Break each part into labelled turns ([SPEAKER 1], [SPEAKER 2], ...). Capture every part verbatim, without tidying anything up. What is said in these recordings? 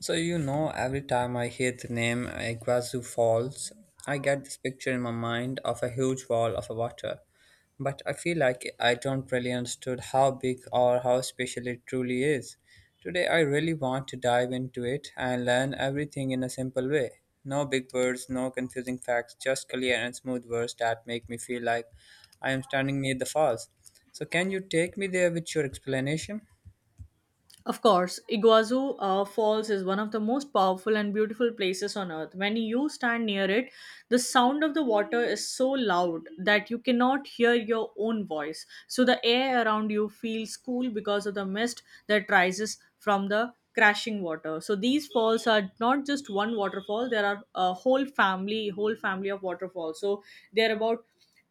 [SPEAKER 1] So you know, every time I hear the name Iguazu Falls, I get this picture in my mind of a huge wall of water. But I feel like I don't really understood how big or how special it truly is. Today I really want to dive into it and learn everything in a simple way. No big words, no confusing facts, just clear and smooth words that make me feel like I am standing near the falls. So can you take me there with your explanation?
[SPEAKER 2] Of course, Iguazu uh, Falls is one of the most powerful and beautiful places on earth. When you stand near it, the sound of the water is so loud that you cannot hear your own voice. So the air around you feels cool because of the mist that rises from the crashing water. So these falls are not just one waterfall, there are a whole family, whole family of waterfalls. So they are about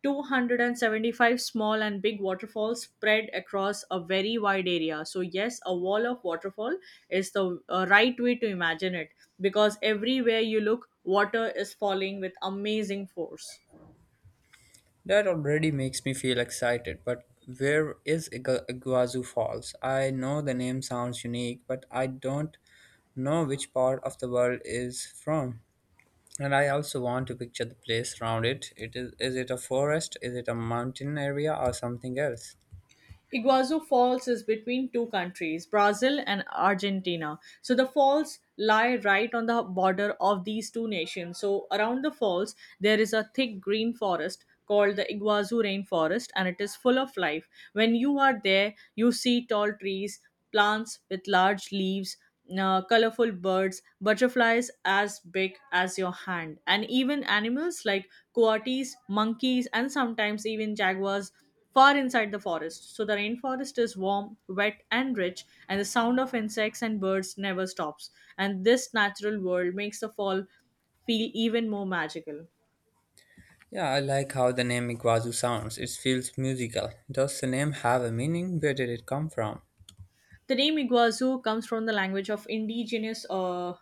[SPEAKER 2] two hundred seventy-five small and big waterfalls spread across a very wide area. So yes, a wall of waterfall is the uh, right way to imagine it, because everywhere you look water is falling with amazing force.
[SPEAKER 1] That already makes me feel excited, but where is Iga- Iguazu Falls? I know the name sounds unique, but I don't know which part of the world is from. And I also want to picture the place around it. It is is it a forest? Is it a mountain area or something else?
[SPEAKER 2] Iguazu Falls is between two countries, Brazil and Argentina. So the falls lie right on the border of these two nations. So around the falls, there is a thick green forest called the Iguazu rainforest, and it is full of life. When you are there, you see tall trees, plants with large leaves. Uh, colorful birds, butterflies as big as your hand, and even animals like coatis, monkeys, and sometimes even jaguars far inside the forest. So the rainforest is warm, wet, and rich, and the sound of insects and birds never stops. And this natural world makes the fall feel even more magical.
[SPEAKER 1] Yeah, I like how the name Iguazu sounds. It feels musical. Does the name have a meaning? Where did it come from?
[SPEAKER 2] The name Iguazu comes from the language of indigenous uh,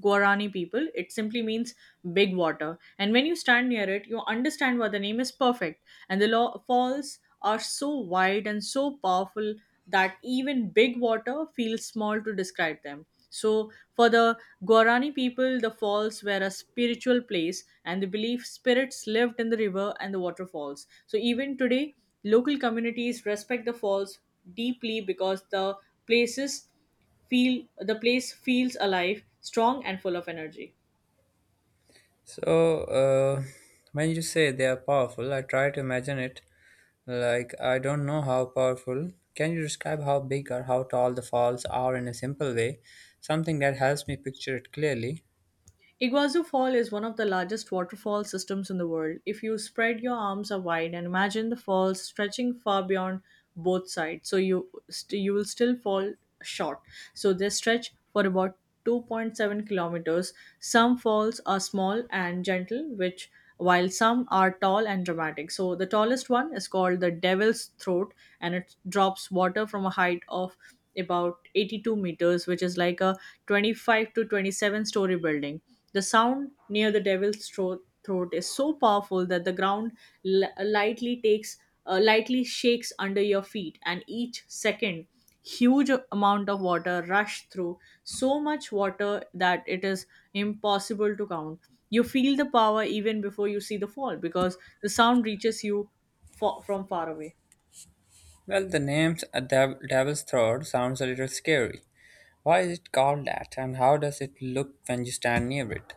[SPEAKER 2] Guarani people. It simply means big water. And when you stand near it, you understand why the name is perfect. And the lo- falls are so wide and so powerful that even big water feels small to describe them. So, for the Guarani people, the falls were a spiritual place, and they believed spirits lived in the river and the waterfalls. So, even today, local communities respect the falls deeply, because the places feel the place feels alive, strong and full of energy.
[SPEAKER 1] So, uh, when you say they are powerful, I try to imagine it like I don't know how powerful. Can you describe how big or how tall the falls are in a simple way? Something that helps me picture it clearly.
[SPEAKER 2] Iguazu Fall is one of the largest waterfall systems in the world. If you spread your arms out wide and imagine the falls stretching far beyond both sides, so you st- you will still fall short. So they stretch for about two point seven kilometers. Some falls are small and gentle, which while some are tall and dramatic. So the tallest one is called the Devil's Throat, and it drops water from a height of about eighty-two meters, which is like a twenty-five to twenty-seven story building. The sound near the Devil's Throat, throat is so powerful that the ground li- lightly takes uh, lightly shakes under your feet, and each second huge amount of water rush through. So much water that it is impossible to count. You feel the power even before you see the fall, because the sound reaches you fa- from far away.
[SPEAKER 1] Well, the name uh, Dev- Devil's Throat sounds a little scary. Why is it called that, and how does it look when you stand near it?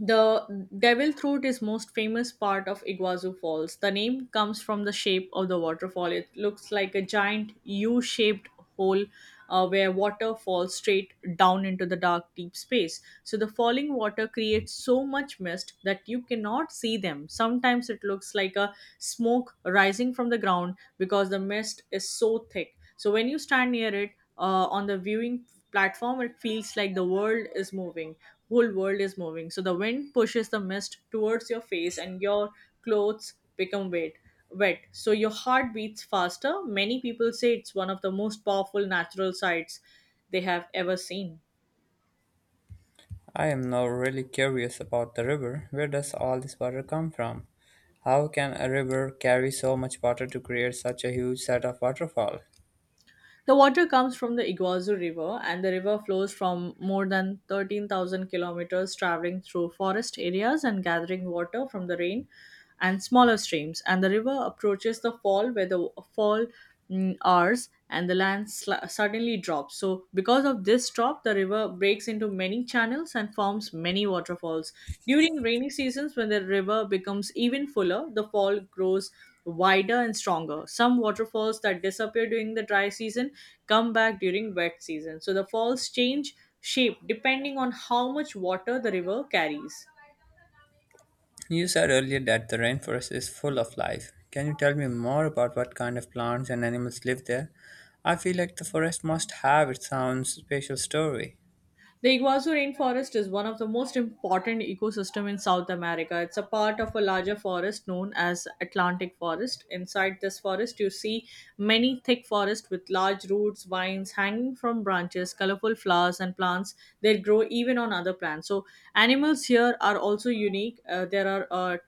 [SPEAKER 2] The Devil Throat is most famous part of Iguazu Falls. The name comes from the shape of the waterfall. It looks like a giant U-shaped hole, uh, where water falls straight down into the dark deep space. So the falling water creates so much mist that you cannot see them. Sometimes it looks like a smoke rising from the ground because the mist is so thick. So when you stand near it, uh, on the viewing platform, it feels like the world is moving, whole world is moving. So the wind pushes the mist towards your face and your clothes become wet. Wet. So your heart beats faster. Many people say it's one of the most powerful natural sights they have ever seen.
[SPEAKER 1] I am now really curious about the river. Where does all this water come from? How can a river carry so much water to create such a huge set of waterfall?
[SPEAKER 2] The water comes from the Iguazu River, and the river flows from more than thirteen thousand kilometers, traveling through forest areas and gathering water from the rain and smaller streams, and the river approaches the fall where the fall mm, hours and the land sl- suddenly drops. So, because of this drop, the river breaks into many channels and forms many waterfalls. During rainy seasons, when the river becomes even fuller, the fall grows wider and stronger. Some waterfalls that disappear during the dry season come back during wet season. So, the falls change shape depending on how much water the river carries.
[SPEAKER 1] You said earlier that the rainforest is full of life. Can you tell me more about what kind of plants and animals live there? I feel like the forest must have its own special story.
[SPEAKER 2] The Iguazu rainforest is one of the most important ecosystem in South America. It's a part of a larger forest known as Atlantic forest. Inside this forest, you see many thick forests with large roots, vines hanging from branches, colorful flowers and plants that grow even on other plants. So animals here are also unique. Uh, there are uh,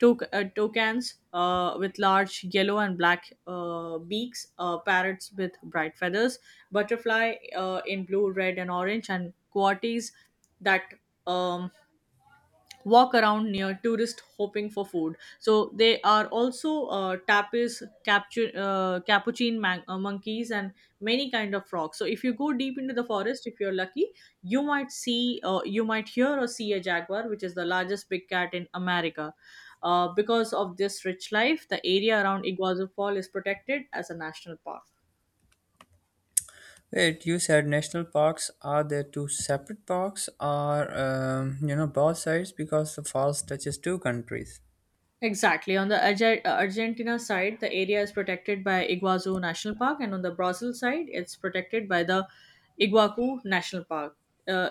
[SPEAKER 2] Tok- uh, toucans uh, with large yellow and black uh, beaks, uh, parrots with bright feathers, butterfly uh, in blue, red, and orange, and coatis that um, walk around near tourists hoping for food. So they are also uh, tapirs, capture, uh, capuchin man- uh, monkeys, and many kind of frogs. So if you go deep into the forest, if you're lucky, you might see, uh, you might hear or see a jaguar, which is the largest big cat in America. Uh, because of this rich life, the area around Iguazu Fall is protected as a national park.
[SPEAKER 1] Wait, you said national parks, are there two separate parks or um, you know, both sides because the falls touches two countries?
[SPEAKER 2] Exactly. On the Arge- uh, Argentina side, the area is protected by Iguazu National Park, and on the Brazil side, it's protected by the Iguacu National Park. Uh,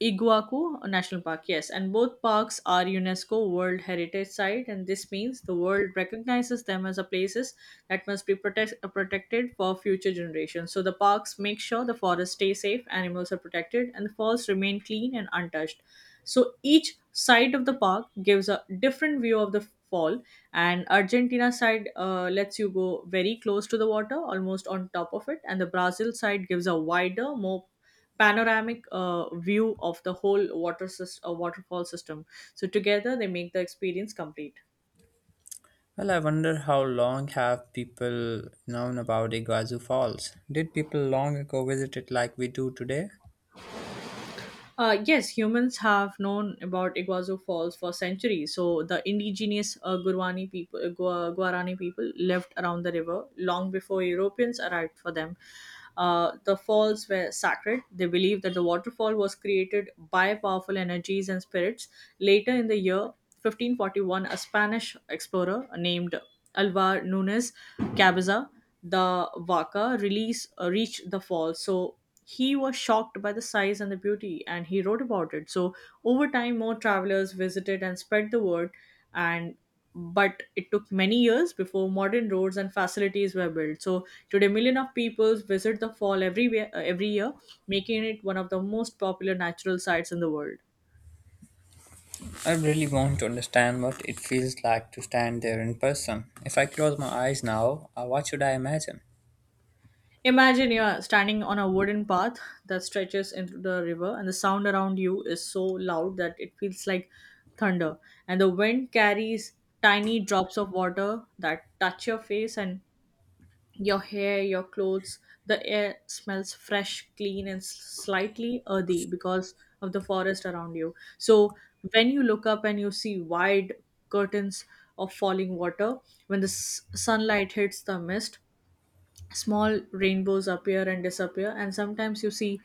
[SPEAKER 2] Iguacu National Park, yes. And both parks are UNESCO World Heritage Site, and this means the world recognizes them as a places that must be protect- uh, protected for future generations. So the parks make sure the forests stay safe, animals are protected, and the forests remain clean and untouched. So each side of the park gives a different view of the fall, and Argentina side uh, lets you go very close to the water, almost on top of it, and the Brazil side gives a wider, more panoramic uh, view of the whole water sys- uh, waterfall system. So together they make the experience complete.
[SPEAKER 1] Well, I wonder how long have people known about Iguazu Falls? Did people long ago visit it like we do today?
[SPEAKER 2] Uh, yes, humans have known about Iguazu Falls for centuries. So the indigenous uh, Guarani people, uh, Gua- Guarani people lived around the river long before Europeans arrived for them. Uh, the falls were sacred. They believed that the waterfall was created by powerful energies and spirits. Later in the year fifteen forty-one, a Spanish explorer named Alvar Nunez Cabeza the Vaca release uh, reached the falls. So he was shocked by the size and the beauty, and he wrote about it. So over time more travelers visited and spread the word, and but it took many years before modern roads and facilities were built. So today million of people visit the fall every, every year, making it one of the most popular natural sites in the world.
[SPEAKER 1] I really want to understand what it feels like to stand there in person. If I close my eyes now, uh, what should I imagine?
[SPEAKER 2] Imagine you're standing on a wooden path that stretches into the river, and the sound around you is so loud that it feels like thunder. And the wind carries tiny drops of water that touch your face and your hair, your clothes. The air smells fresh, clean, and s- slightly earthy because of the forest around you. So, when you look up and you see wide curtains of falling water, when the s- sunlight hits the mist, small rainbows appear and disappear, and sometimes you see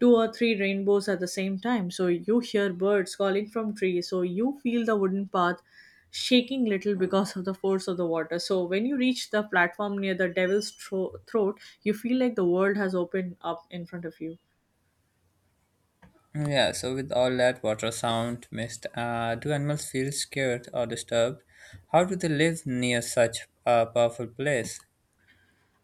[SPEAKER 2] two or three rainbows at the same time. So you hear birds calling from trees. So you feel the wooden path shaking little because of the force of the water. So when you reach the platform near the devil's Thro- throat, you feel like the world has opened up in front of you.
[SPEAKER 1] Mm. Yeah, so with all that water sound, mist, uh, do animals feel scared or disturbed? How do they live near such a powerful place?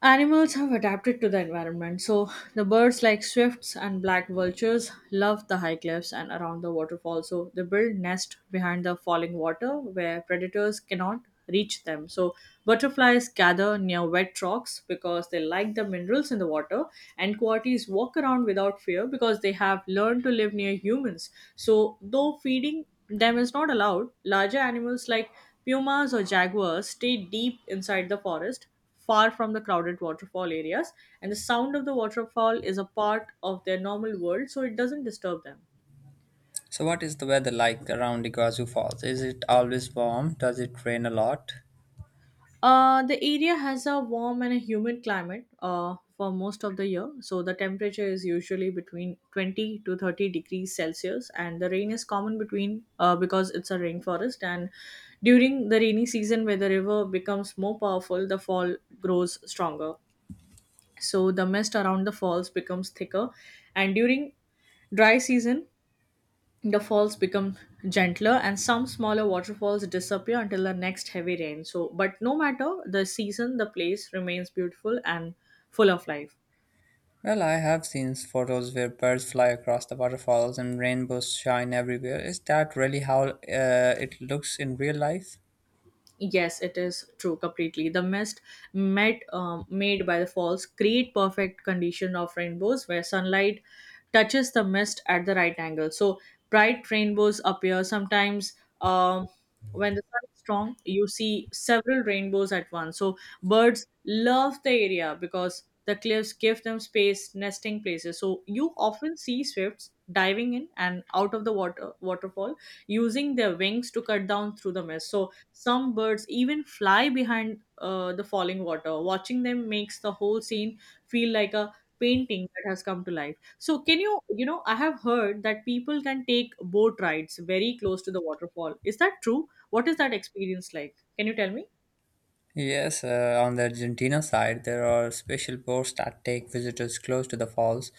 [SPEAKER 2] Animals have adapted to the environment, so the birds like swifts and black vultures love the high cliffs and around the waterfall. So they build nest behind the falling water where predators cannot reach them. So butterflies gather near wet rocks because they like the minerals in the water, and coatis walk around without fear because they have learned to live near humans. So though feeding them is not allowed, larger animals like pumas or jaguars stay deep inside the forest far from the crowded waterfall areas, and the sound of the waterfall is a part of their normal world, so it doesn't disturb them.
[SPEAKER 1] So, what is the weather like around Iguazu Falls? Is it always warm? Does it rain a lot?
[SPEAKER 2] Uh, the area has a warm and a humid climate uh, for most of the year. So the temperature is usually between twenty to thirty degrees Celsius, and the rain is common between uh, because it's a rainforest. And during the rainy season, where the river becomes more powerful, the fall grows stronger. So the mist around the falls becomes thicker, and during dry season, the falls become gentler and some smaller waterfalls disappear until the next heavy rain. So, but no matter the season, the place remains beautiful and full of life.
[SPEAKER 1] Well, I have seen photos where birds fly across the waterfalls and rainbows shine everywhere. Is that really how uh, it looks in real life?
[SPEAKER 2] Yes, it is true completely. The mist met, um, made by the falls create perfect condition of rainbows where sunlight touches the mist at the right angle. So bright rainbows appear sometimes. Um, when the sun is strong, you see several rainbows at once. So birds love the area because the cliffs give them space, nesting places. So you often see swifts diving in and out of the water waterfall using their wings to cut down through the mist. So some birds even fly behind uh, the falling water. Watching them makes the whole scene feel like a painting that has come to life. So, can you, you know, I have heard that people can take boat rides very close to the waterfall. Is that true? What is that experience like? Can you tell me?
[SPEAKER 1] Yes, uh, on the Argentina side, there are special boats that take visitors close to the falls.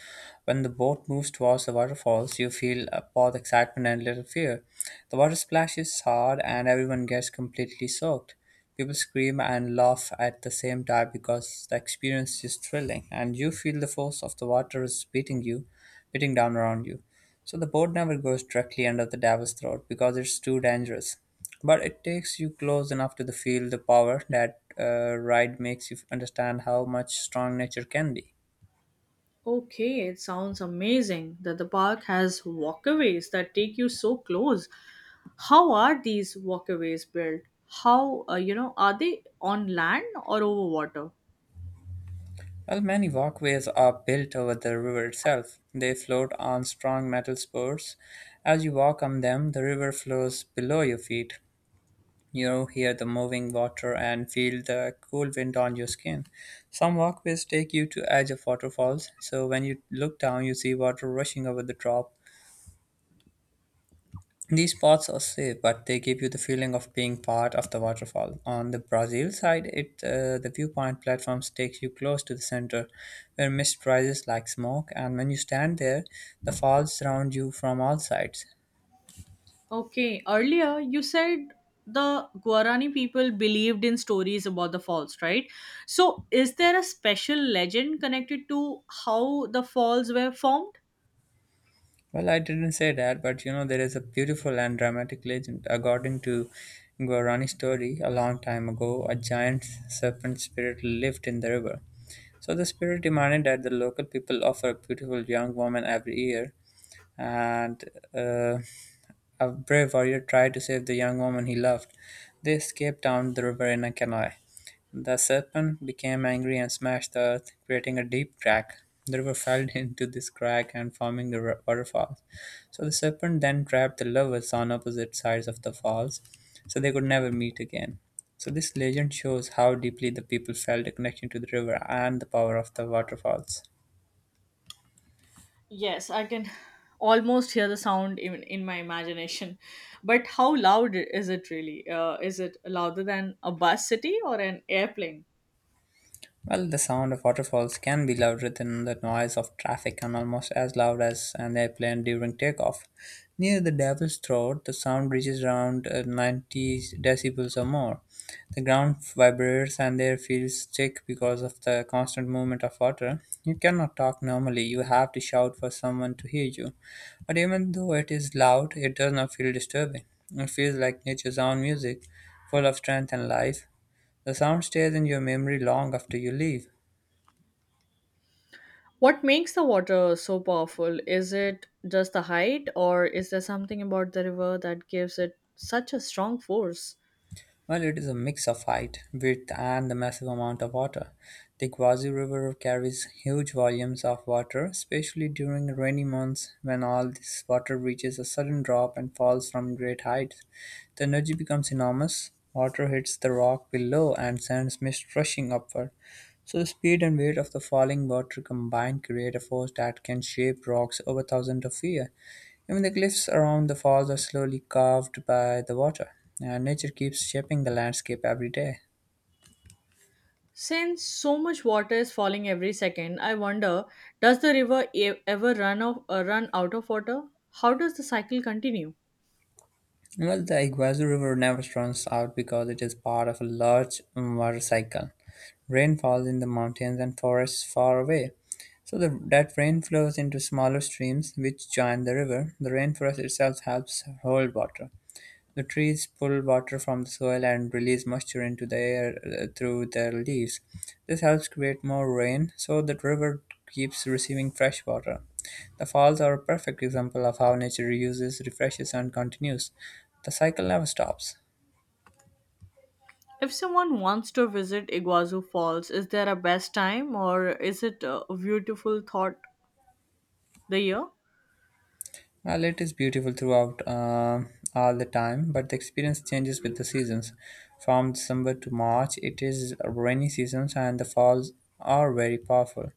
[SPEAKER 1] When the boat moves towards the waterfalls, you feel uh, both excitement and little fear. The water splashes hard, and everyone gets completely soaked. People scream and laugh at the same time because the experience is thrilling, and you feel the force of the water is beating you, beating down around you. So the boat never goes directly under the devil's throat because it's too dangerous. But it takes you close enough to the feel the power. That uh, ride makes you understand how much strong nature can be.
[SPEAKER 2] Okay, it sounds amazing that the park has walkaways that take you so close. How are these walkaways built? How, uh, you know, are they on land or over water?
[SPEAKER 1] Well, many walkways are built over the river itself. They float on strong metal supports. As you walk on them, the river flows below your feet. You hear the moving water and feel the cool wind on your skin. Some walkways take you to edge of waterfalls, so when you look down, you see water rushing over the top. These spots are safe, but they give you the feeling of being part of the waterfall. On the Brazil side, it uh, the viewpoint platforms takes you close to the center, where mist rises like smoke, and when you stand there, the falls surround you from all sides.
[SPEAKER 2] Okay, earlier you said the Guarani people believed in stories about the falls, right? So, is there a special legend connected to how the falls were formed?
[SPEAKER 1] Well, I didn't say that, but you know there is a beautiful and dramatic legend. According to Guarani story, a long time ago, a giant serpent spirit lived in the river. So the spirit demanded that the local people offer a beautiful young woman every year and uh, a brave warrior tried to save the young woman he loved. They escaped down the river in a canoe. The serpent became angry and smashed the earth, creating a deep crack. The river fell into this crack and forming the ru- waterfall. So the serpent then trapped the lovers on opposite sides of the falls, so they could never meet again. So this legend shows how deeply the people felt a connection to the river and the power of the waterfalls.
[SPEAKER 2] Yes, I can almost hear the sound in, in my imagination. But how loud is it really? Uh, is it louder than a bus city or an airplane?
[SPEAKER 1] Well, the sound of waterfalls can be louder than the noise of traffic and almost as loud as an airplane during takeoff. Near the Devil's Throat, the sound reaches around uh, ninety decibels or more. The ground vibrates and the air feels thick because of the constant movement of water. You cannot talk normally, you have to shout for someone to hear you. But even though it is loud, it does not feel disturbing. It feels like nature's own music, full of strength and life. The sound stays in your memory long after you leave.
[SPEAKER 2] What makes the water so powerful? Is it just the height, or is there something about the river that gives it such a strong force?
[SPEAKER 1] Well, it is a mix of height, width, and the massive amount of water. The Guazi River carries huge volumes of water, especially during rainy months when all this water reaches a sudden drop and falls from great heights. The energy becomes enormous. Water hits the rock below and sends mist rushing upward. So the speed and weight of the falling water combined create a force that can shape rocks over thousands of years. Even the cliffs around the falls are slowly carved by the water, and nature keeps shaping the landscape every day.
[SPEAKER 2] Since so much water is falling every second, I wonder does the river e- ever run, off, uh, run out of water? How does the cycle continue?
[SPEAKER 1] Well, the Iguazu River never runs out because it is part of a large water cycle. Rain falls in the mountains and forests far away. So the, that rain flows into smaller streams which join the river. The rainforest itself helps hold water. The trees pull water from the soil and release moisture into the air uh, through their leaves. This helps create more rain so that river keeps receiving fresh water. The falls are a perfect example of how nature uses, refreshes, and continues. The cycle never stops.
[SPEAKER 2] If someone wants to visit Iguazu Falls, is there a best time or is it a beautiful thought the year?
[SPEAKER 1] Well, it is beautiful throughout uh, all the time, but the experience changes with the seasons. From December to March, it is rainy seasons, and the falls are very powerful.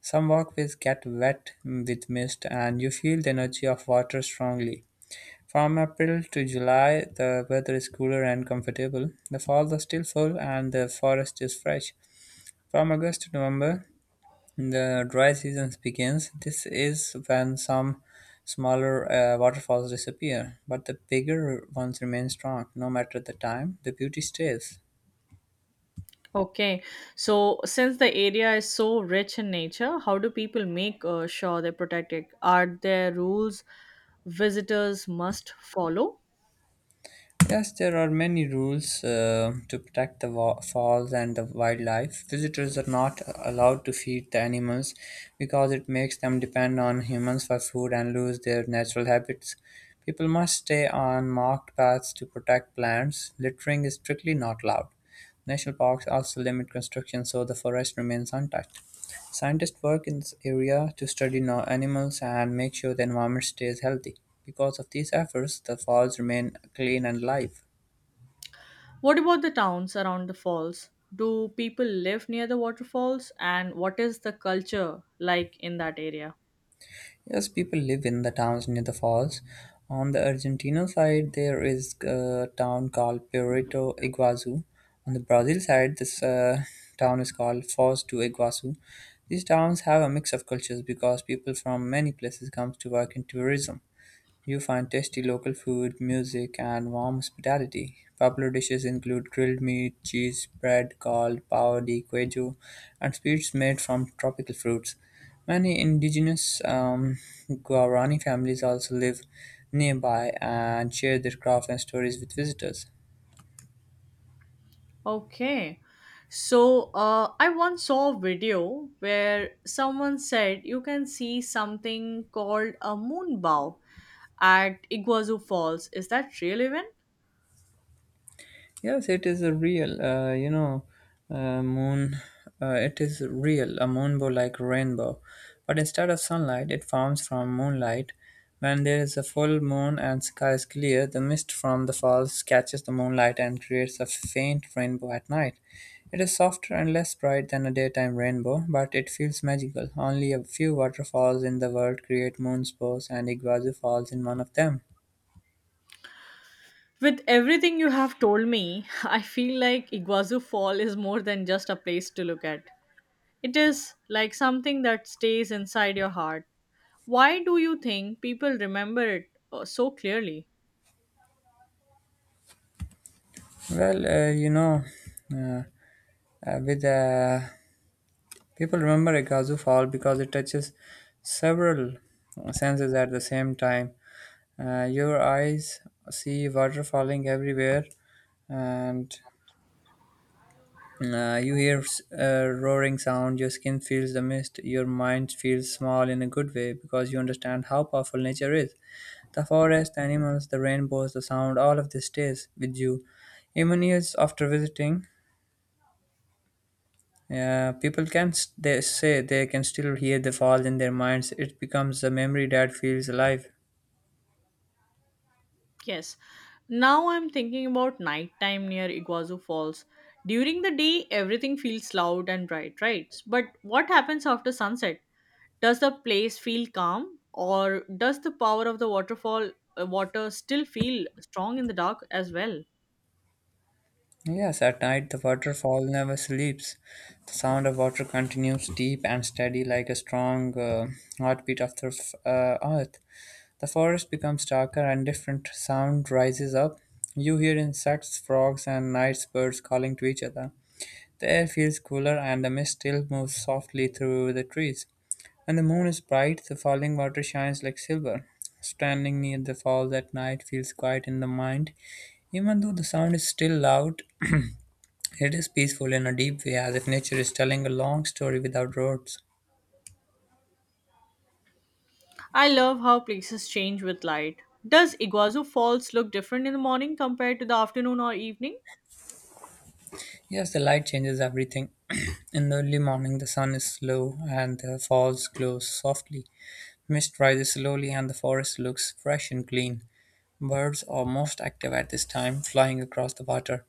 [SPEAKER 1] Some walkways get wet with mist, and you feel the energy of water strongly. From April to July, the weather is cooler and comfortable. The falls are still full, and the forest is fresh. From August to November, the dry season begins. This is when some smaller uh, waterfalls disappear, but the bigger ones remain strong. No matter the time, the beauty stays.
[SPEAKER 2] Okay, so since the area is so rich in nature, how do people make uh, sure they protect it? Are there rules visitors must follow?
[SPEAKER 1] Yes, there are many rules uh, to protect the wa- falls and the wildlife. Visitors are not allowed to feed the animals because it makes them depend on humans for food and lose their natural habits. People must stay on marked paths to protect plants. Littering is strictly not allowed. National parks also limit construction so the forest remains untouched. Scientists work in this area to study no animals and make sure the environment stays healthy. Because of these efforts, the falls remain clean and alive.
[SPEAKER 2] What about the towns around the falls? Do people live near the waterfalls? And what is the culture like in that area?
[SPEAKER 1] Yes, people live in the towns near the falls. On the Argentina side, there is a town called Puerto Iguazu. On the Brazil side, this uh, town is called Foz do Iguazu. These towns have a mix of cultures because people from many places come to work in tourism. You find tasty local food, music, and warm hospitality. Popular dishes include grilled meat, cheese bread called pão de queijo, and sweets made from tropical fruits. Many indigenous um, Guarani families also live nearby and share their crafts and stories with visitors.
[SPEAKER 2] Okay. So, uh, I once saw a video where someone said you can see something called a moon bow at Iguazu Falls. Is that real even?
[SPEAKER 1] Yes, it is a real, uh, you know, uh, moon. Uh, it is real, a moonbow like rainbow. But instead of sunlight, it forms from moonlight. When there is a full moon and sky is clear, the mist from the falls catches the moonlight and creates a faint rainbow at night. It is softer and less bright than a daytime rainbow, but it feels magical. Only a few waterfalls in the world create moonspots, and Iguazu falls in one of them.
[SPEAKER 2] With everything you have told me, I feel like Iguazu Fall is more than just a place to look at. It is like something that stays inside your heart. Why do you think people remember it uh, so clearly?
[SPEAKER 1] Well, uh, you know, uh, uh, with uh, People remember Ikazu Fall because it touches several senses at the same time. Uh, your eyes see water falling everywhere, and uh, you hear a roaring sound. Your skin feels the mist. Your mind feels small in a good way because you understand how powerful nature is. The forest, the animals, the rainbows, the sound, all of this stays with you. Even years after visiting, Uh, people can s- they say they can still hear the fall in their minds. It becomes a memory that feels alive.
[SPEAKER 2] Yes. Now I'm thinking about nighttime near Iguazu Falls. During the day, everything feels loud and bright, right? But what happens after sunset? Does the place feel calm, or does the power of the waterfall uh, water still feel strong in the dark as well?
[SPEAKER 1] Yes, at night the waterfall never sleeps. The sound of water continues deep and steady, like a strong uh, heartbeat of the f- uh, earth. The forest becomes darker and different sound rises up. You hear insects, frogs, and night birds calling to each other. The air feels cooler and the mist still moves softly through the trees. When the moon is bright, the falling water shines like silver. Standing near the falls at night feels quiet in the mind. Even though the sound is still loud, it is peaceful in a deep way, as if nature is telling a long story without words.
[SPEAKER 2] I love how places change with light. Does Iguazu Falls look different in the morning compared to the afternoon or evening?
[SPEAKER 1] Yes, the light changes everything. In the early morning, the sun is low, and the falls glow softly. Mist rises slowly and the forest looks fresh and clean. Birds are most active at this time, flying across the water.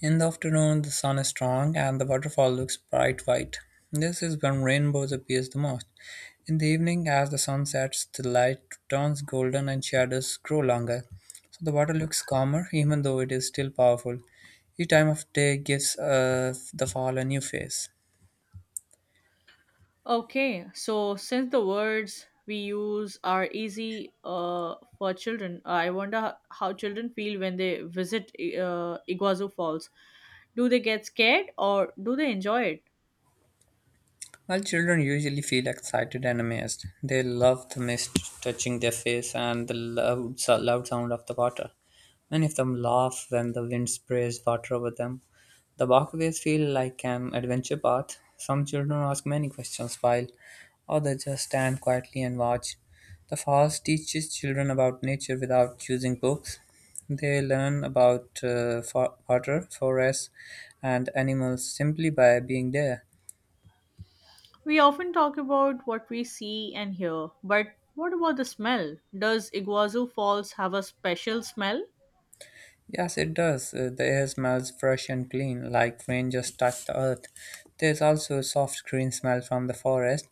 [SPEAKER 1] In the afternoon, the sun is strong and the waterfall looks bright white. This is when rainbows appear the most. In the evening, as the sun sets, the light turns golden and shadows grow longer. So the water looks calmer, even though it is still powerful. Each time of day gives uh, the fall a new face.
[SPEAKER 2] Okay, so since the words we use are easy uh, for children, I wonder ho- how children feel when they visit uh, Iguazu Falls. Do they get scared or do they enjoy it?
[SPEAKER 1] While children usually feel excited and amazed, they love the mist touching their face and the loud, so- loud sound of the water. Many of them laugh when the wind sprays water over them. The walkways feel like an adventure path. Some children ask many questions while others just stand quietly and watch. The forest teaches children about nature without using books. They learn about uh, fo- water, forests, and animals simply by being there.
[SPEAKER 2] We often talk about what we see and hear, but what about the smell? Does Iguazu Falls have a special smell?
[SPEAKER 1] Yes, it does. Uh, The air smells fresh and clean, like rain just touched the earth. There's also a soft green smell from the forest,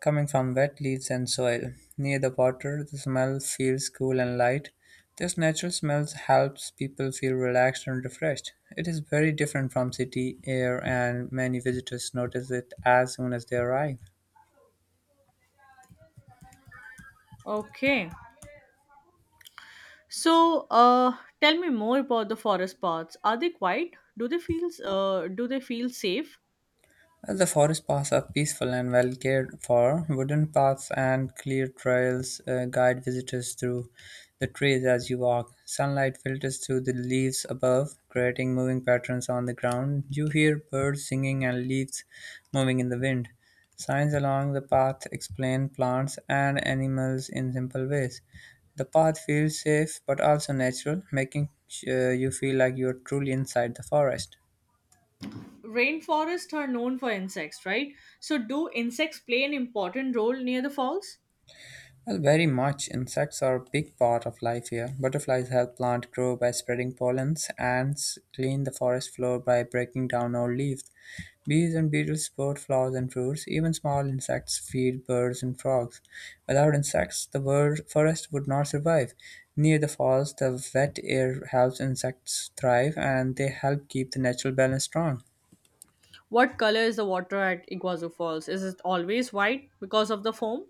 [SPEAKER 1] coming from wet leaves and soil. Near the water, the smell feels cool and light. This natural smell helps people feel relaxed and refreshed. It is very different from city air, and many visitors notice it as soon as they arrive.
[SPEAKER 2] Okay. So, uh, tell me more about the forest paths. Are they quiet? Do they feel uh, do they feel safe?
[SPEAKER 1] The forest paths are peaceful and well cared for. Wooden paths and clear trails uh, guide visitors through the trees as you walk. Sunlight filters through the leaves above, creating moving patterns on the ground. You hear birds singing and leaves moving in the wind. Signs along the path explain plants and animals in simple ways. The path feels safe but also natural, making uh, you feel like you are truly inside the forest.
[SPEAKER 2] Rainforests are known for insects, right? So, do insects play an important role near the falls?
[SPEAKER 1] Well, very much. Insects are a big part of life here. Butterflies help plants grow by spreading pollens. Ants clean the forest floor by breaking down old leaves. Bees and beetles support flowers and fruits. Even small insects feed birds and frogs. Without insects, the wor- forest would not survive. Near the falls, the wet air helps insects thrive and they help keep the natural balance strong.
[SPEAKER 2] What color is the water at Iguazu Falls? Is it always white because of the foam?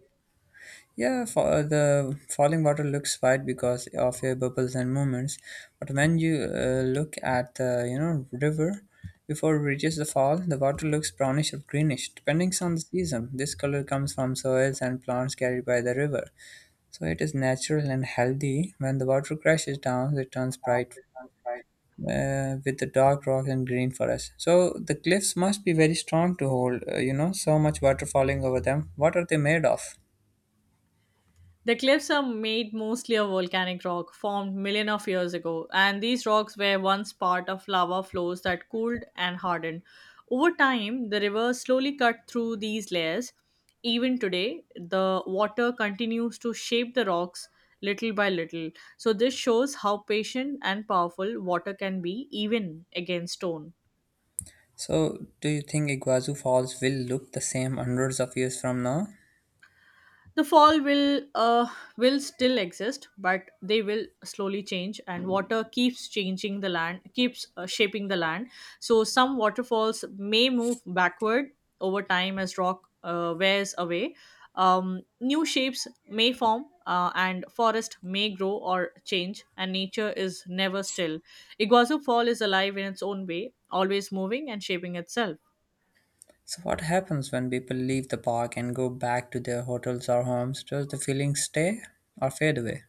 [SPEAKER 1] Yeah, for the falling water looks white because of your bubbles and movements, but when you uh, look at the you know river before it reaches the fall, the water looks brownish or greenish, depending on the season. This color comes from soils and plants carried by the river, so it is natural and healthy. When the water crashes down, it turns bright uh, with the dark rock and green forest. So the cliffs must be very strong to hold, uh, you know, so much water falling over them. What are they made of?
[SPEAKER 2] The cliffs are made mostly of volcanic rock formed millions of years ago, and these rocks were once part of lava flows that cooled and hardened. Over time, the river slowly cut through these layers. Even today, the water continues to shape the rocks little by little. So, this shows how patient and powerful water can be, even against stone.
[SPEAKER 1] So, do you think Iguazu Falls will look the same hundreds of years from now?
[SPEAKER 2] The fall will uh, will still exist, but they will slowly change, and water keeps changing the land, keeps uh, shaping the land. So some waterfalls may move backward over time as rock uh, wears away. Um, new shapes may form, uh, and forest may grow or change, and nature is never still. Iguazu Fall is alive in its own way, always moving and shaping itself.
[SPEAKER 1] So, what happens when people leave the park and go back to their hotels or homes? Does the feeling stay or fade away?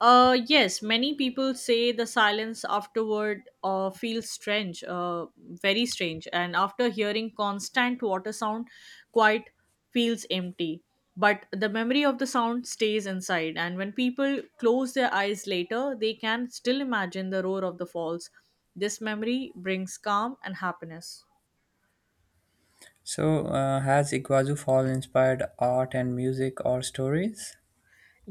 [SPEAKER 2] Uh, yes, many people say the silence afterward uh, feels strange, uh, very strange. And after hearing constant water sound, quite feels empty. But the memory of the sound stays inside. And when people close their eyes later, they can still imagine the roar of the falls. This memory brings calm and happiness.
[SPEAKER 1] So, uh, has Iguazu Fall inspired art and music or stories?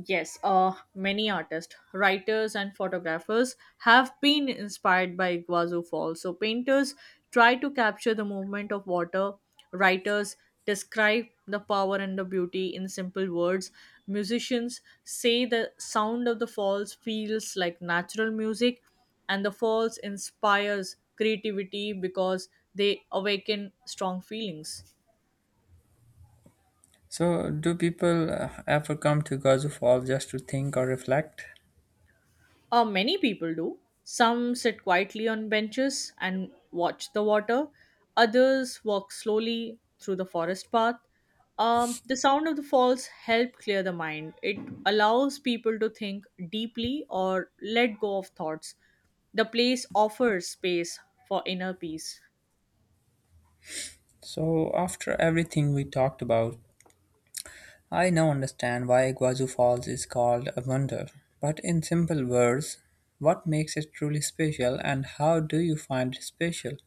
[SPEAKER 2] Yes, uh, many artists, writers, and photographers have been inspired by Iguazu Falls. So, painters try to capture the movement of water, writers describe the power and the beauty in simple words, musicians say the sound of the falls feels like natural music, and the falls inspires creativity because they awaken strong feelings.
[SPEAKER 1] So, do people uh, ever come to Iguazu Fall just to think or reflect?
[SPEAKER 2] Uh, many people do. Some sit quietly on benches and watch the water. Others walk slowly through the forest path. Um, the sound of the falls help clear the mind. It allows people to think deeply or let go of thoughts. The place offers space for inner peace.
[SPEAKER 1] So, after everything we talked about, I now understand why Guazhou Falls is called a wonder. But in simple words, what makes it truly special and how do you find it special?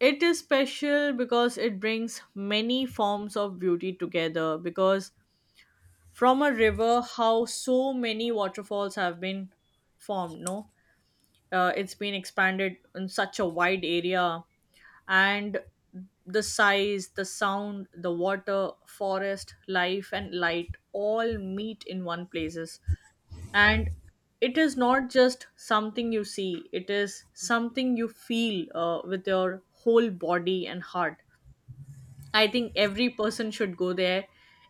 [SPEAKER 2] It is special because it brings many forms of beauty together. Because from a river, how so many waterfalls have been formed, no? Uh, it's been expanded in such a wide area, and the size, the sound, the water, forest life, and light all meet in one places, and it is not just something you see, it is something you feel uh, with your whole body and heart. I think every person should go there.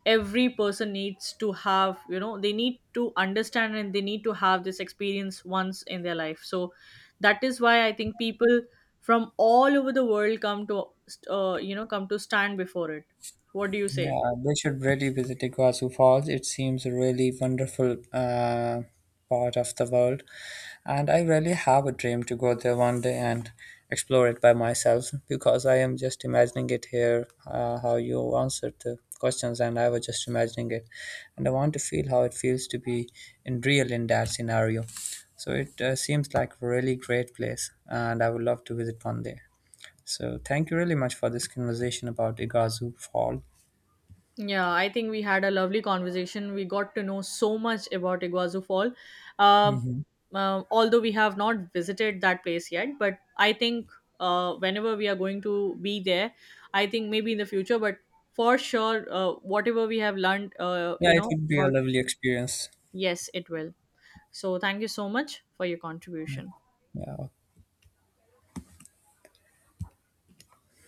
[SPEAKER 2] Every person needs to have, you know, they need to understand, and they need to have this experience once in their life. So that is why I think people from all over the world come to, uh, you know, come to stand before it. What do you say?
[SPEAKER 1] Yeah, they should really visit Iguazu Falls. It seems a really wonderful uh, part of the world. And I really have a dream to go there one day and explore it by myself because I am just imagining it here, uh, how you answered the questions, and I was just imagining it. And I want to feel how it feels to be in real in that scenario. So it uh, seems like a really great place, and I would love to visit one day. So thank you really much for this conversation about Iguazu Fall.
[SPEAKER 2] Yeah, I think we had a lovely conversation. We got to know so much about Iguazu Fall. Uh,
[SPEAKER 1] Mhm.
[SPEAKER 2] uh, Although we have not visited that place yet, but I think uh, whenever we are going to be there, I think maybe in the future, but for sure, uh, whatever we have learned, uh,
[SPEAKER 1] Yeah,
[SPEAKER 2] you
[SPEAKER 1] it
[SPEAKER 2] know,
[SPEAKER 1] would be a
[SPEAKER 2] about
[SPEAKER 1] lovely experience.
[SPEAKER 2] yes, it will. So thank you so much for your contribution.
[SPEAKER 1] Yeah, okay.